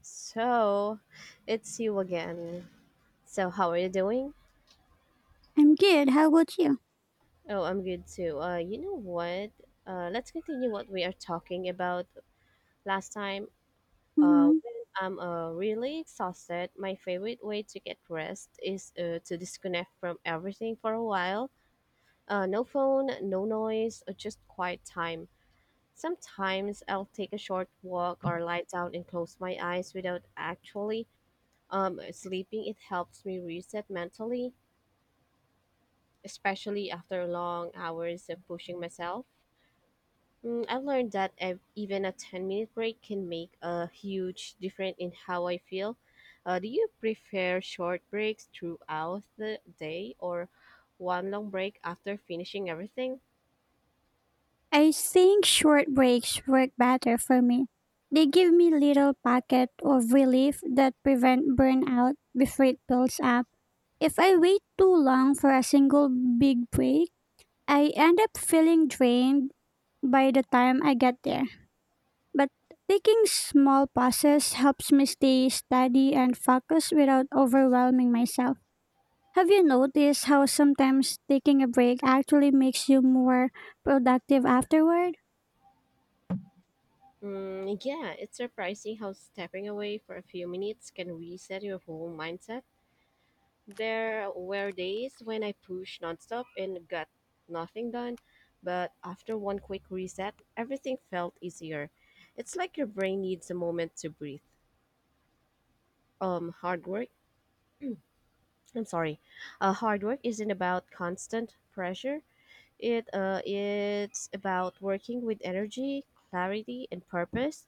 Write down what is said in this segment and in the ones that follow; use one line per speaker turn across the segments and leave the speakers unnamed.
So, it's you again. So, how are you doing?
I'm good. How about you?
Oh, I'm good too. You know what? Let's continue what we are talking about last time.
Hmm.
When I'm really exhausted, my favorite way to get rest is to disconnect from everything for a while. No phone, no noise, or just quiet time. Sometimes I'll take a short walk or lie down and close my eyes without actually sleeping. It helps me reset mentally especially after long hours of pushing myself. Mm, I've learned that even a 10-minute break can make a huge difference in how I feel. Do you prefer short breaks throughout the day or one long break after finishing everything?
I think short breaks work better for me. They give me little pocket of relief that prevent burnout before it builds up. If I wait too long for a single big break, I end up feeling drained by the time I get there. But taking small pauses helps me stay steady and focused without overwhelming myself. Have you noticed how sometimes taking a break actually makes you more productive afterward?
Mm, yeah, it's surprising how stepping away for a few minutes can reset your whole mindset. There were days when I pushed nonstop and got nothing done, but after one quick reset, everything felt easier. It's like your brain needs a moment to breathe. Hard work. I'm sorry. Hard work isn't about constant pressure. It's about working with energy, clarity, and purpose.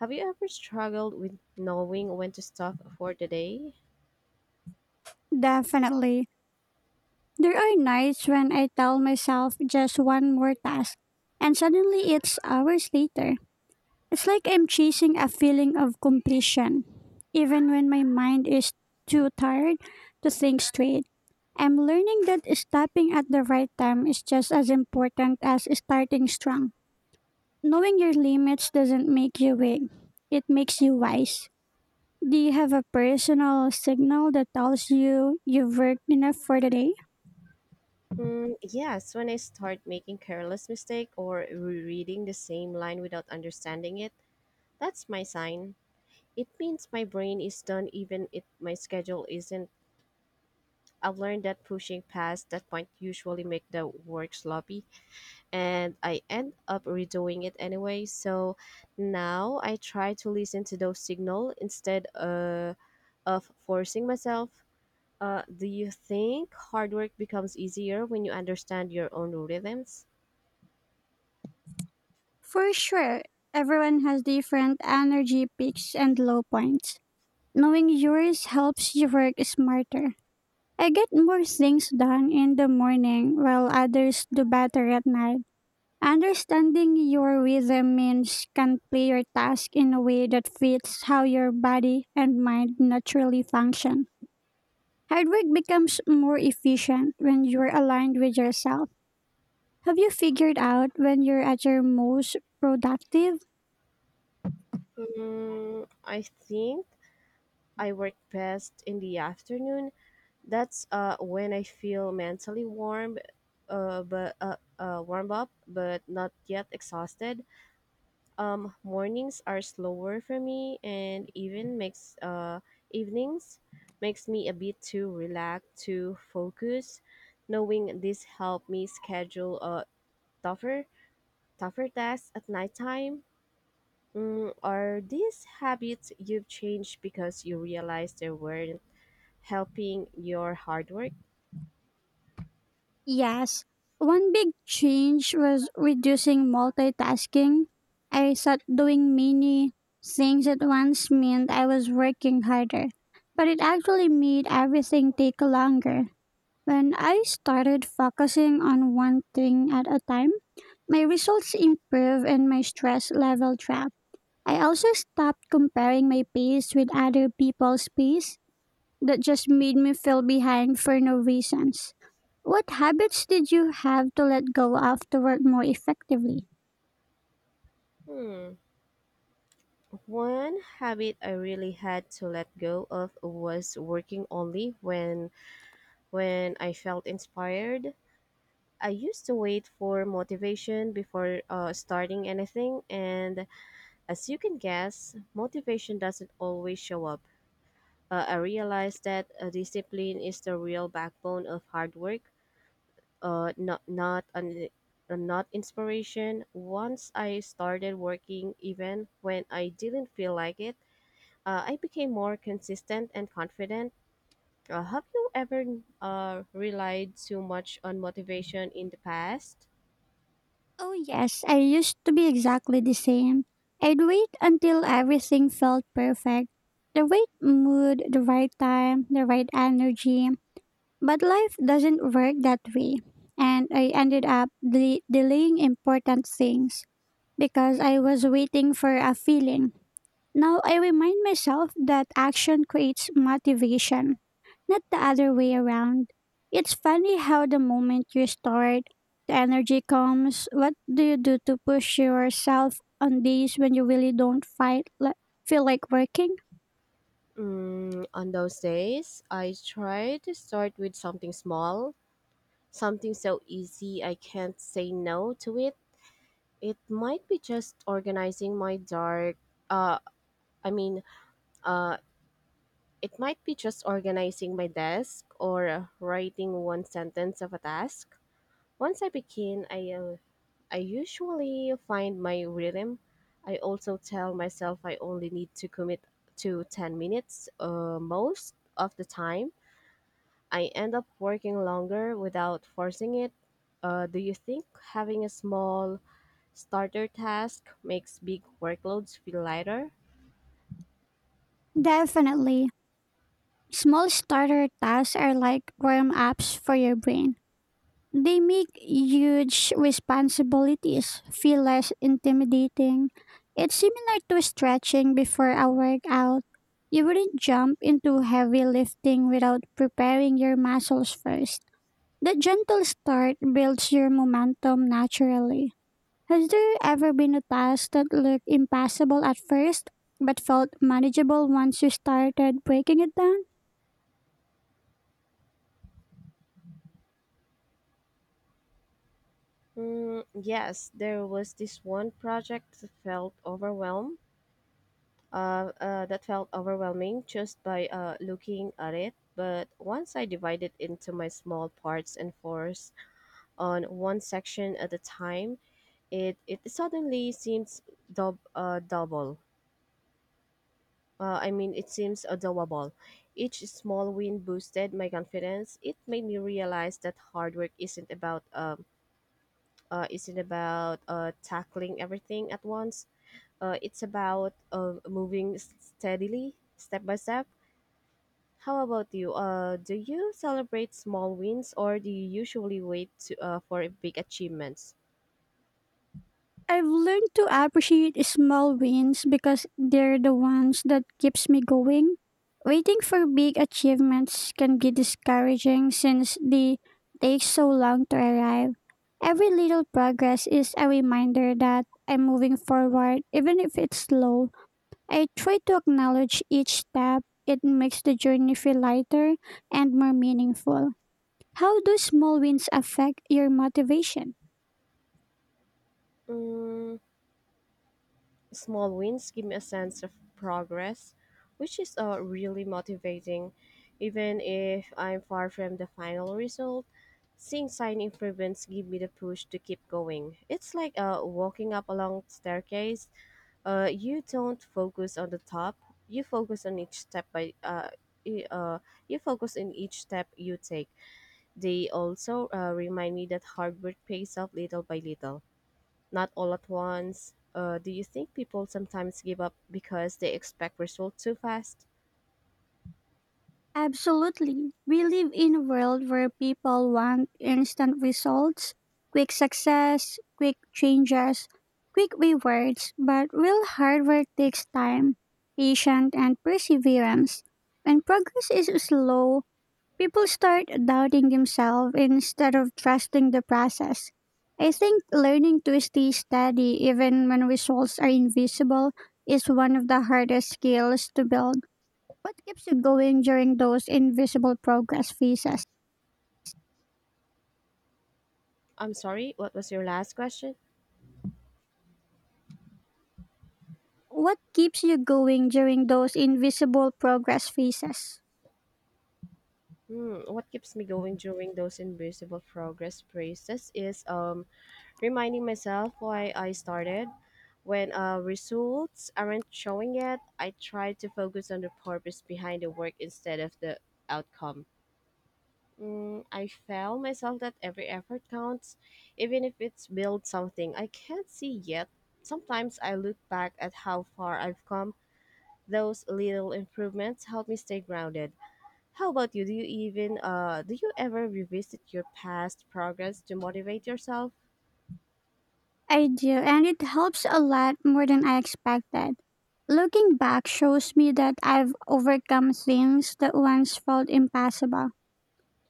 Have you ever struggled with knowing when to stop for the day?
Definitely. There are nights when I tell myself just one more task, and suddenly it's hours later. It's like I'm chasing a feeling of completion, even when my mind is too tired to think straight. I'm learning that stopping at the right time is just as important as starting strong. Knowing your limits doesn't make you weak, it makes you wise. Do you have a personal signal that tells you you've worked enough for the day?
Mm, yes, when I start making careless mistake or rereading the same line without understanding it, that's my sign. It means my brain is done even if my schedule isn't. I've learned that pushing past that point usually make the work sloppy and I end up redoing it anyway. So now I try to listen to those signal instead of forcing myself. Do you think hard work becomes easier when you understand your own rhythms?
For sure, everyone has different energy peaks and low points. Knowing yours helps you work smarter. I get more things done in the morning while others do better at night. Understanding your rhythm means can play your task in a way that fits how your body and mind naturally function. Hard work becomes more efficient when you're aligned with yourself. Have you figured out when you're at your most productive?
Mm, I think I work best in the afternoon. That's when I feel mentally warm, but warm up, but not yet exhausted. Mornings are slower for me, and even makes evenings makes me a bit too relaxed to focus. Knowing this helped me schedule tougher tougher tasks at nighttime. Mm, are these habits you've changed because you realized they weren't helping your hard work?
Yes. One big change was reducing multitasking. I thought doing many things at once meant I was working harder, but it actually made everything take longer. When I started focusing on one thing at a time, my results improved and my stress level dropped. I also stopped comparing my pace with other people's pace that just made me feel behind for no reasons. What habits did you have to let go of to work more effectively?
Hmm. One habit I really had to let go of was working only when I felt inspired. I used to wait for motivation before starting anything, and as you can guess, motivation doesn't always show up. I realized that discipline is the real backbone of hard work, uh, not not an not inspiration. Once I started working, even when I didn't feel like it, I became more consistent and confident. Have you ever relied too much on motivation in the past?
Oh, yes, I used to be exactly the same. I'd wait until everything felt perfect, the right mood, the right time, the right energy. But life doesn't work that way, and I ended up delaying important things, because I was waiting for a feeling. Now I remind myself that action creates motivation, not the other way around. It's funny how the moment you start, the energy comes. What do you do to push yourself on days when you really don't fight, li- feel like working?
Mm, on those days, I try to start with something small, something so easy I can't say no to it. It might be just organizing my dark. Uh, I mean, uh, It might be just organizing my desk or writing one sentence of a task. Once I begin, I usually find my rhythm. I also tell myself I only need to commit to 10 minutes most of the time. I end up working longer without forcing it. Do you think having a small starter task makes big workloads feel lighter?
Definitely. Small starter tasks are like warm ups for your brain. They make huge responsibilities feel less intimidating. It's similar to stretching before a workout. You wouldn't jump into heavy lifting without preparing your muscles first. The gentle start builds your momentum naturally. Has there ever been a task that looked impossible at first but felt manageable once you started breaking it down?
Mm, yes, there was this one project that felt overwhelmed. That felt overwhelming just by looking at it. But once I divided into my small parts and force on one section at a time, it suddenly seems dub, double. I mean, it seems doable. Each small win boosted my confidence. It made me realize that hard work isn't about isn't about tackling everything at once. It's about moving steadily, step by step. How about you? Do you celebrate small wins or do you usually wait to, for big achievements?
I've learned to appreciate small wins because they're the ones that keeps me going. Waiting for big achievements can be discouraging since they take so long to arrive. Every little progress is a reminder that I'm moving forward even if it's slow. I try to acknowledge each step. It makes the journey feel lighter and more meaningful. How do small wins affect your motivation?
Mm, small wins give me a sense of progress, which is really motivating. Even if I'm far from the final result, seeing sign improvements give me the push to keep going. It's like walking up a long staircase, you don't focus on the top, you focus on each step by y- uh, you focus in each step you take. They also remind me that hard work pays off little by little, not all at once. Do you think people sometimes give up because they expect results too fast?
Absolutely. We live in a world where people want instant results, quick success, quick changes, quick rewards, but real hard work takes time, patience, and perseverance. When progress is slow, people start doubting themselves instead of trusting the process. I think learning to stay steady even when results are invisible is one of the hardest skills to build. What keeps you going during those invisible progress phases?
I'm sorry, what was your last question?
What keeps you going during those invisible progress phases?
Hmm, what keeps me going during those invisible progress phases is reminding myself why I started. When results aren't showing yet, I try to focus on the purpose behind the work instead of the outcome. Mm, I found myself that every effort counts, even if it's build something I can't see yet. Sometimes I look back at how far I've come. Those little improvements help me stay grounded. How about you? Do you ever revisit your past progress to motivate yourself?
I do, and it helps a lot more than I expected. Looking back shows me that I've overcome things that once felt impossible.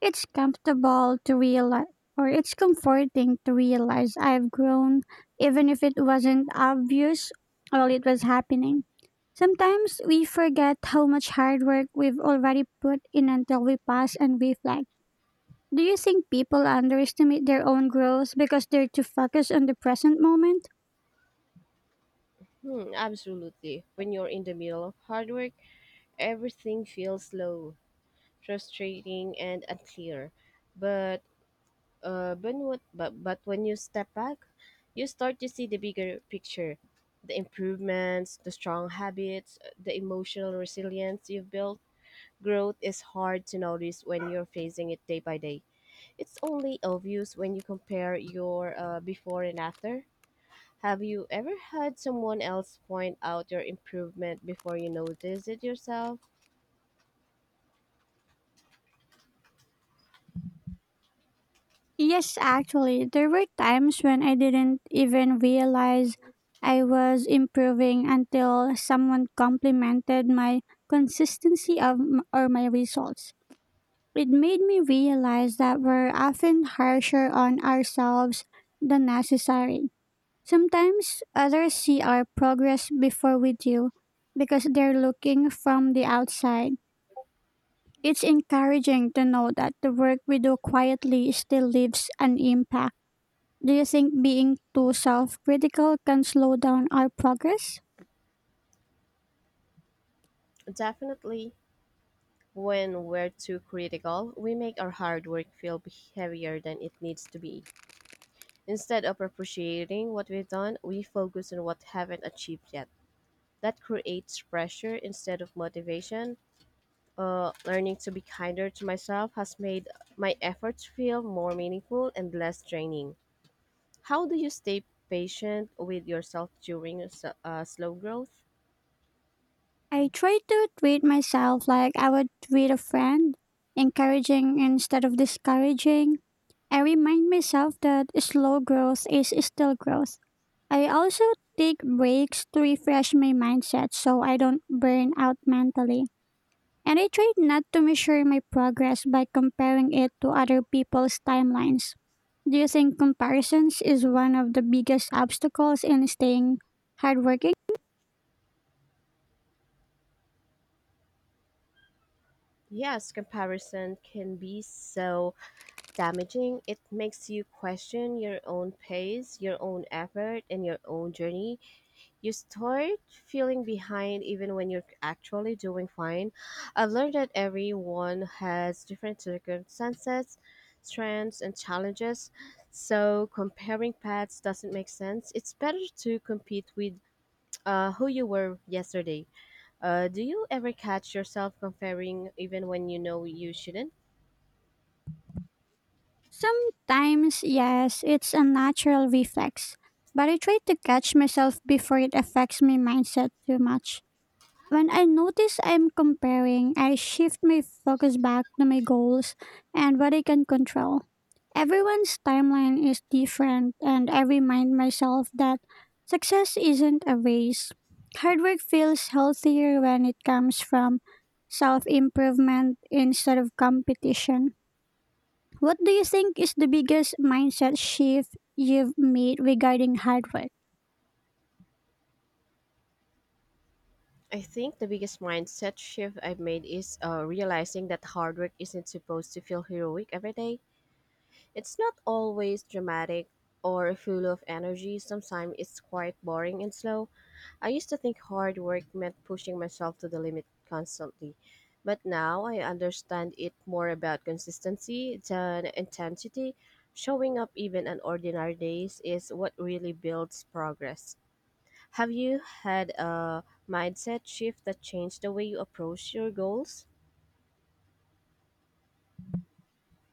It's comfortable to realize, or it's comforting to realize I've grown, even if it wasn't obvious while it was happening. Sometimes we forget how much hard work we've already put in until we pause and reflect. Do you think people underestimate their own growth because they're too focused on the present moment?
Hmm, absolutely. When you're in the middle of hard work, everything feels slow, frustrating, and unclear. But but, what, but when you step back, you start to see the bigger picture, the improvements, the strong habits, the emotional resilience you've built. Growth is hard to notice when you're facing it day by day. It's only obvious when you compare your before and after. Have you ever had someone else point out your improvement before you notice it yourself?
Yes, actually, there were times when I didn't even realize I was improving until someone complimented my consistency or my results. It made me realize that we're often harsher on ourselves than necessary. Sometimes others see our progress before we do because they're looking from the outside. It's encouraging to know that the work we do quietly still leaves an impact. Do you think being too self critical can slow down our progress?
Definitely. When we're too critical, we make our hard work feel heavier than it needs to be. Instead of appreciating what we've done, we focus on what haven't achieved yet. That creates pressure instead of motivation. Learning to be kinder to myself has made my efforts feel more meaningful and less draining. How do you stay patient with yourself during slow growth?
I try to treat myself like I would treat a friend, encouraging instead of discouraging. I remind myself that slow growth is still growth. I also take breaks to refresh my mindset so I don't burn out mentally. And I try not to measure my progress by comparing it to other people's timelines. Do you think comparisons is one of the biggest obstacles in staying hardworking?
Yes, comparison can be so damaging. It makes you question your own pace, your own effort, and your own journey. You start feeling behind even when you're actually doing fine. I've learned that everyone has different circumstances, strengths, and challenges, so comparing paths doesn't make sense. It's better to compete with who you were yesterday. Do you ever catch yourself comparing even when you know you shouldn't?
Sometimes, yes, it's a natural reflex, but I try to catch myself before it affects my mindset too much. When I notice I'm comparing, I shift my focus back to my goals and what I can control. Everyone's timeline is different, and I remind myself that success isn't a race. Hard work feels healthier when it comes from self improvement instead of competition. What do you think is the biggest mindset shift you've made regarding hard work?
I think the biggest mindset shift I've made is realizing that hard work isn't supposed to feel heroic every day. It's not always dramatic or full of energy, sometimes it's quite boring and slow. I used to think hard work meant pushing myself to the limit constantly, but now I understand it more about consistency than intensity. Showing up even on ordinary days is what really builds progress. Have you had a mindset shift that changed the way you approach your goals?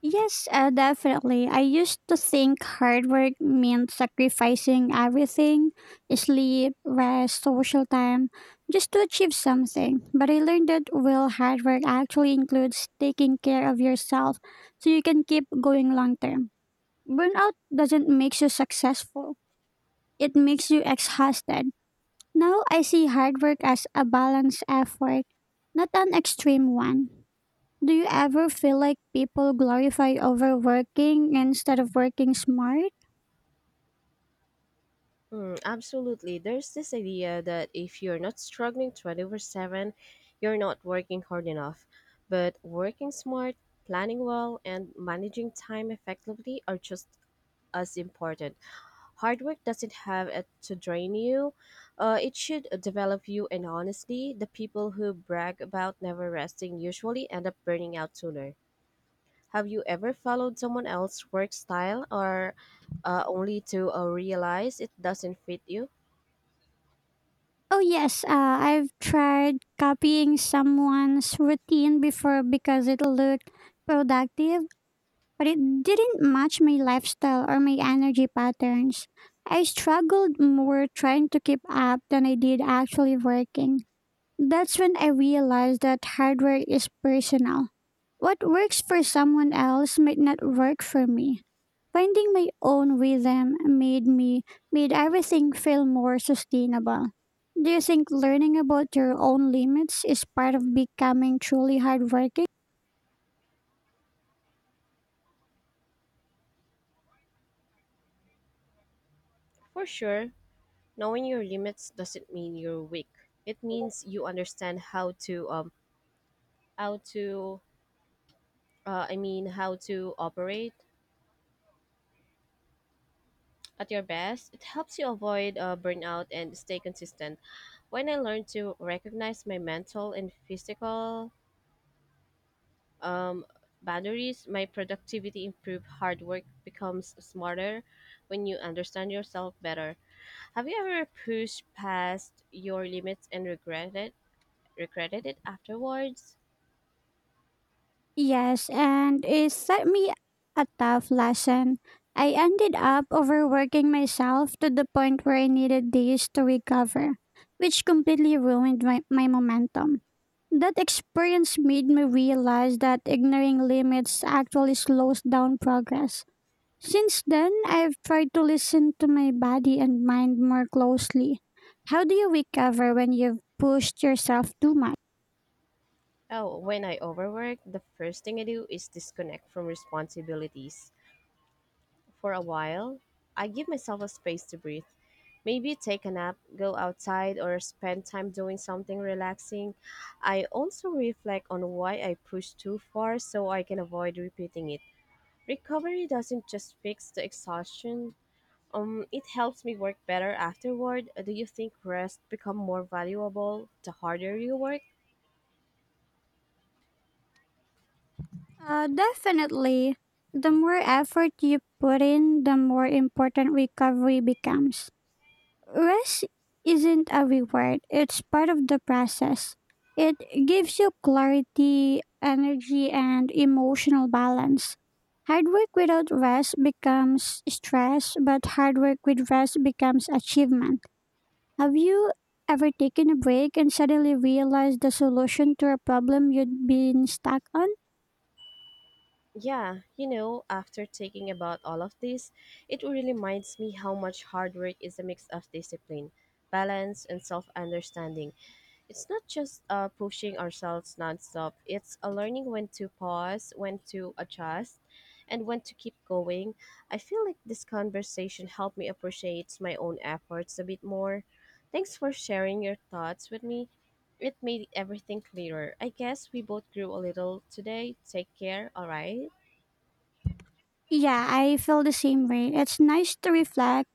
Yes, definitely. I used to think hard work meant sacrificing everything, sleep, rest, social time, just to achieve something. But I learned that real hard work actually includes taking care of yourself so you can keep going long term. Burnout doesn't make you successful, it makes you exhausted. Now I see hard work as a balanced effort, not an extreme one. Do you ever feel like people glorify overworking instead of working smart?
Hmm, absolutely. There's this idea that if you're not struggling 24/7, you're not working hard enough. But working smart, planning well, and managing time effectively are just as important. Hard work doesn't have it to drain you. It should develop you, and honestly, the people who brag about never resting usually end up burning out sooner. Have you ever followed someone else's work style or only to realize it doesn't fit you?
Oh, yes. I've tried copying someone's routine before because it looked productive, but it didn't match my lifestyle or my energy patterns. I struggled more trying to keep up than I did actually working. That's when I realized that hardware is personal. What works for someone else might not work for me. Finding my own rhythm made everything feel more sustainable. Do you think learning about your own limits is part of becoming truly hardworking?
For sure, knowing your limits doesn't mean you're weak. It means you understand how to how to operate at your best. It helps you avoid burnout and stay consistent. When I learned to recognize my mental and physical um boundaries, my productivity improved. Hard work becomes smarter when you understand yourself better. Have you ever pushed past your limits and regretted it afterwards?
Yes, and it set me a tough lesson. I ended up overworking myself to the point where I needed days to recover, which completely ruined my momentum. That experience made me realize that ignoring limits actually slows down progress. Since then, I've tried to listen to my body and mind more closely. How do you recover when you've pushed yourself too much?
Oh, when I overwork, the first thing I do is disconnect from responsibilities. For a while, I give myself a space to breathe. Maybe take a nap, go outside, or spend time doing something relaxing. I also reflect on why I pushed too far so I can avoid repeating it. Recovery doesn't just fix the exhaustion, it helps me work better afterward. Do you think rest become more valuable the harder you work?
Definitely. The more effort you put in, the more important recovery becomes. Rest isn't a reward, it's part of the process. It gives you clarity, energy, and emotional balance. Hard work without rest becomes stress, but hard work with rest becomes achievement. Have you ever taken a break and suddenly realized the solution to a problem you'd been stuck on?
Yeah, you know, after thinking about all of this, it really reminds me how much hard work is a mix of discipline, balance, and self understanding. It's not just pushing ourselves nonstop, it's a learning when to pause, when to adjust, and when to keep going. I feel like this conversation helped me appreciate my own efforts a bit more. Thanks for sharing your thoughts with me. It made everything clearer. I guess we both grew a little today. Take care, alright?
Yeah, I feel the same way. It's nice to reflect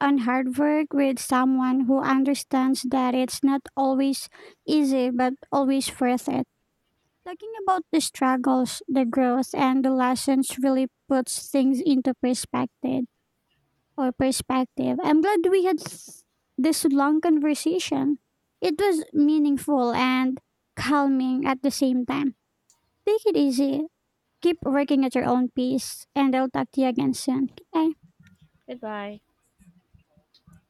and hard work with someone who understands that it's not always easy but always worth it. Talking about the struggles, the growth, and the lessons really puts things into perspective or perspective. I'm glad we this long conversation. It was meaningful and calming at the same time. Take it easy. Keep working at your own pace, and I'll talk to you again soon. Bye.
Goodbye.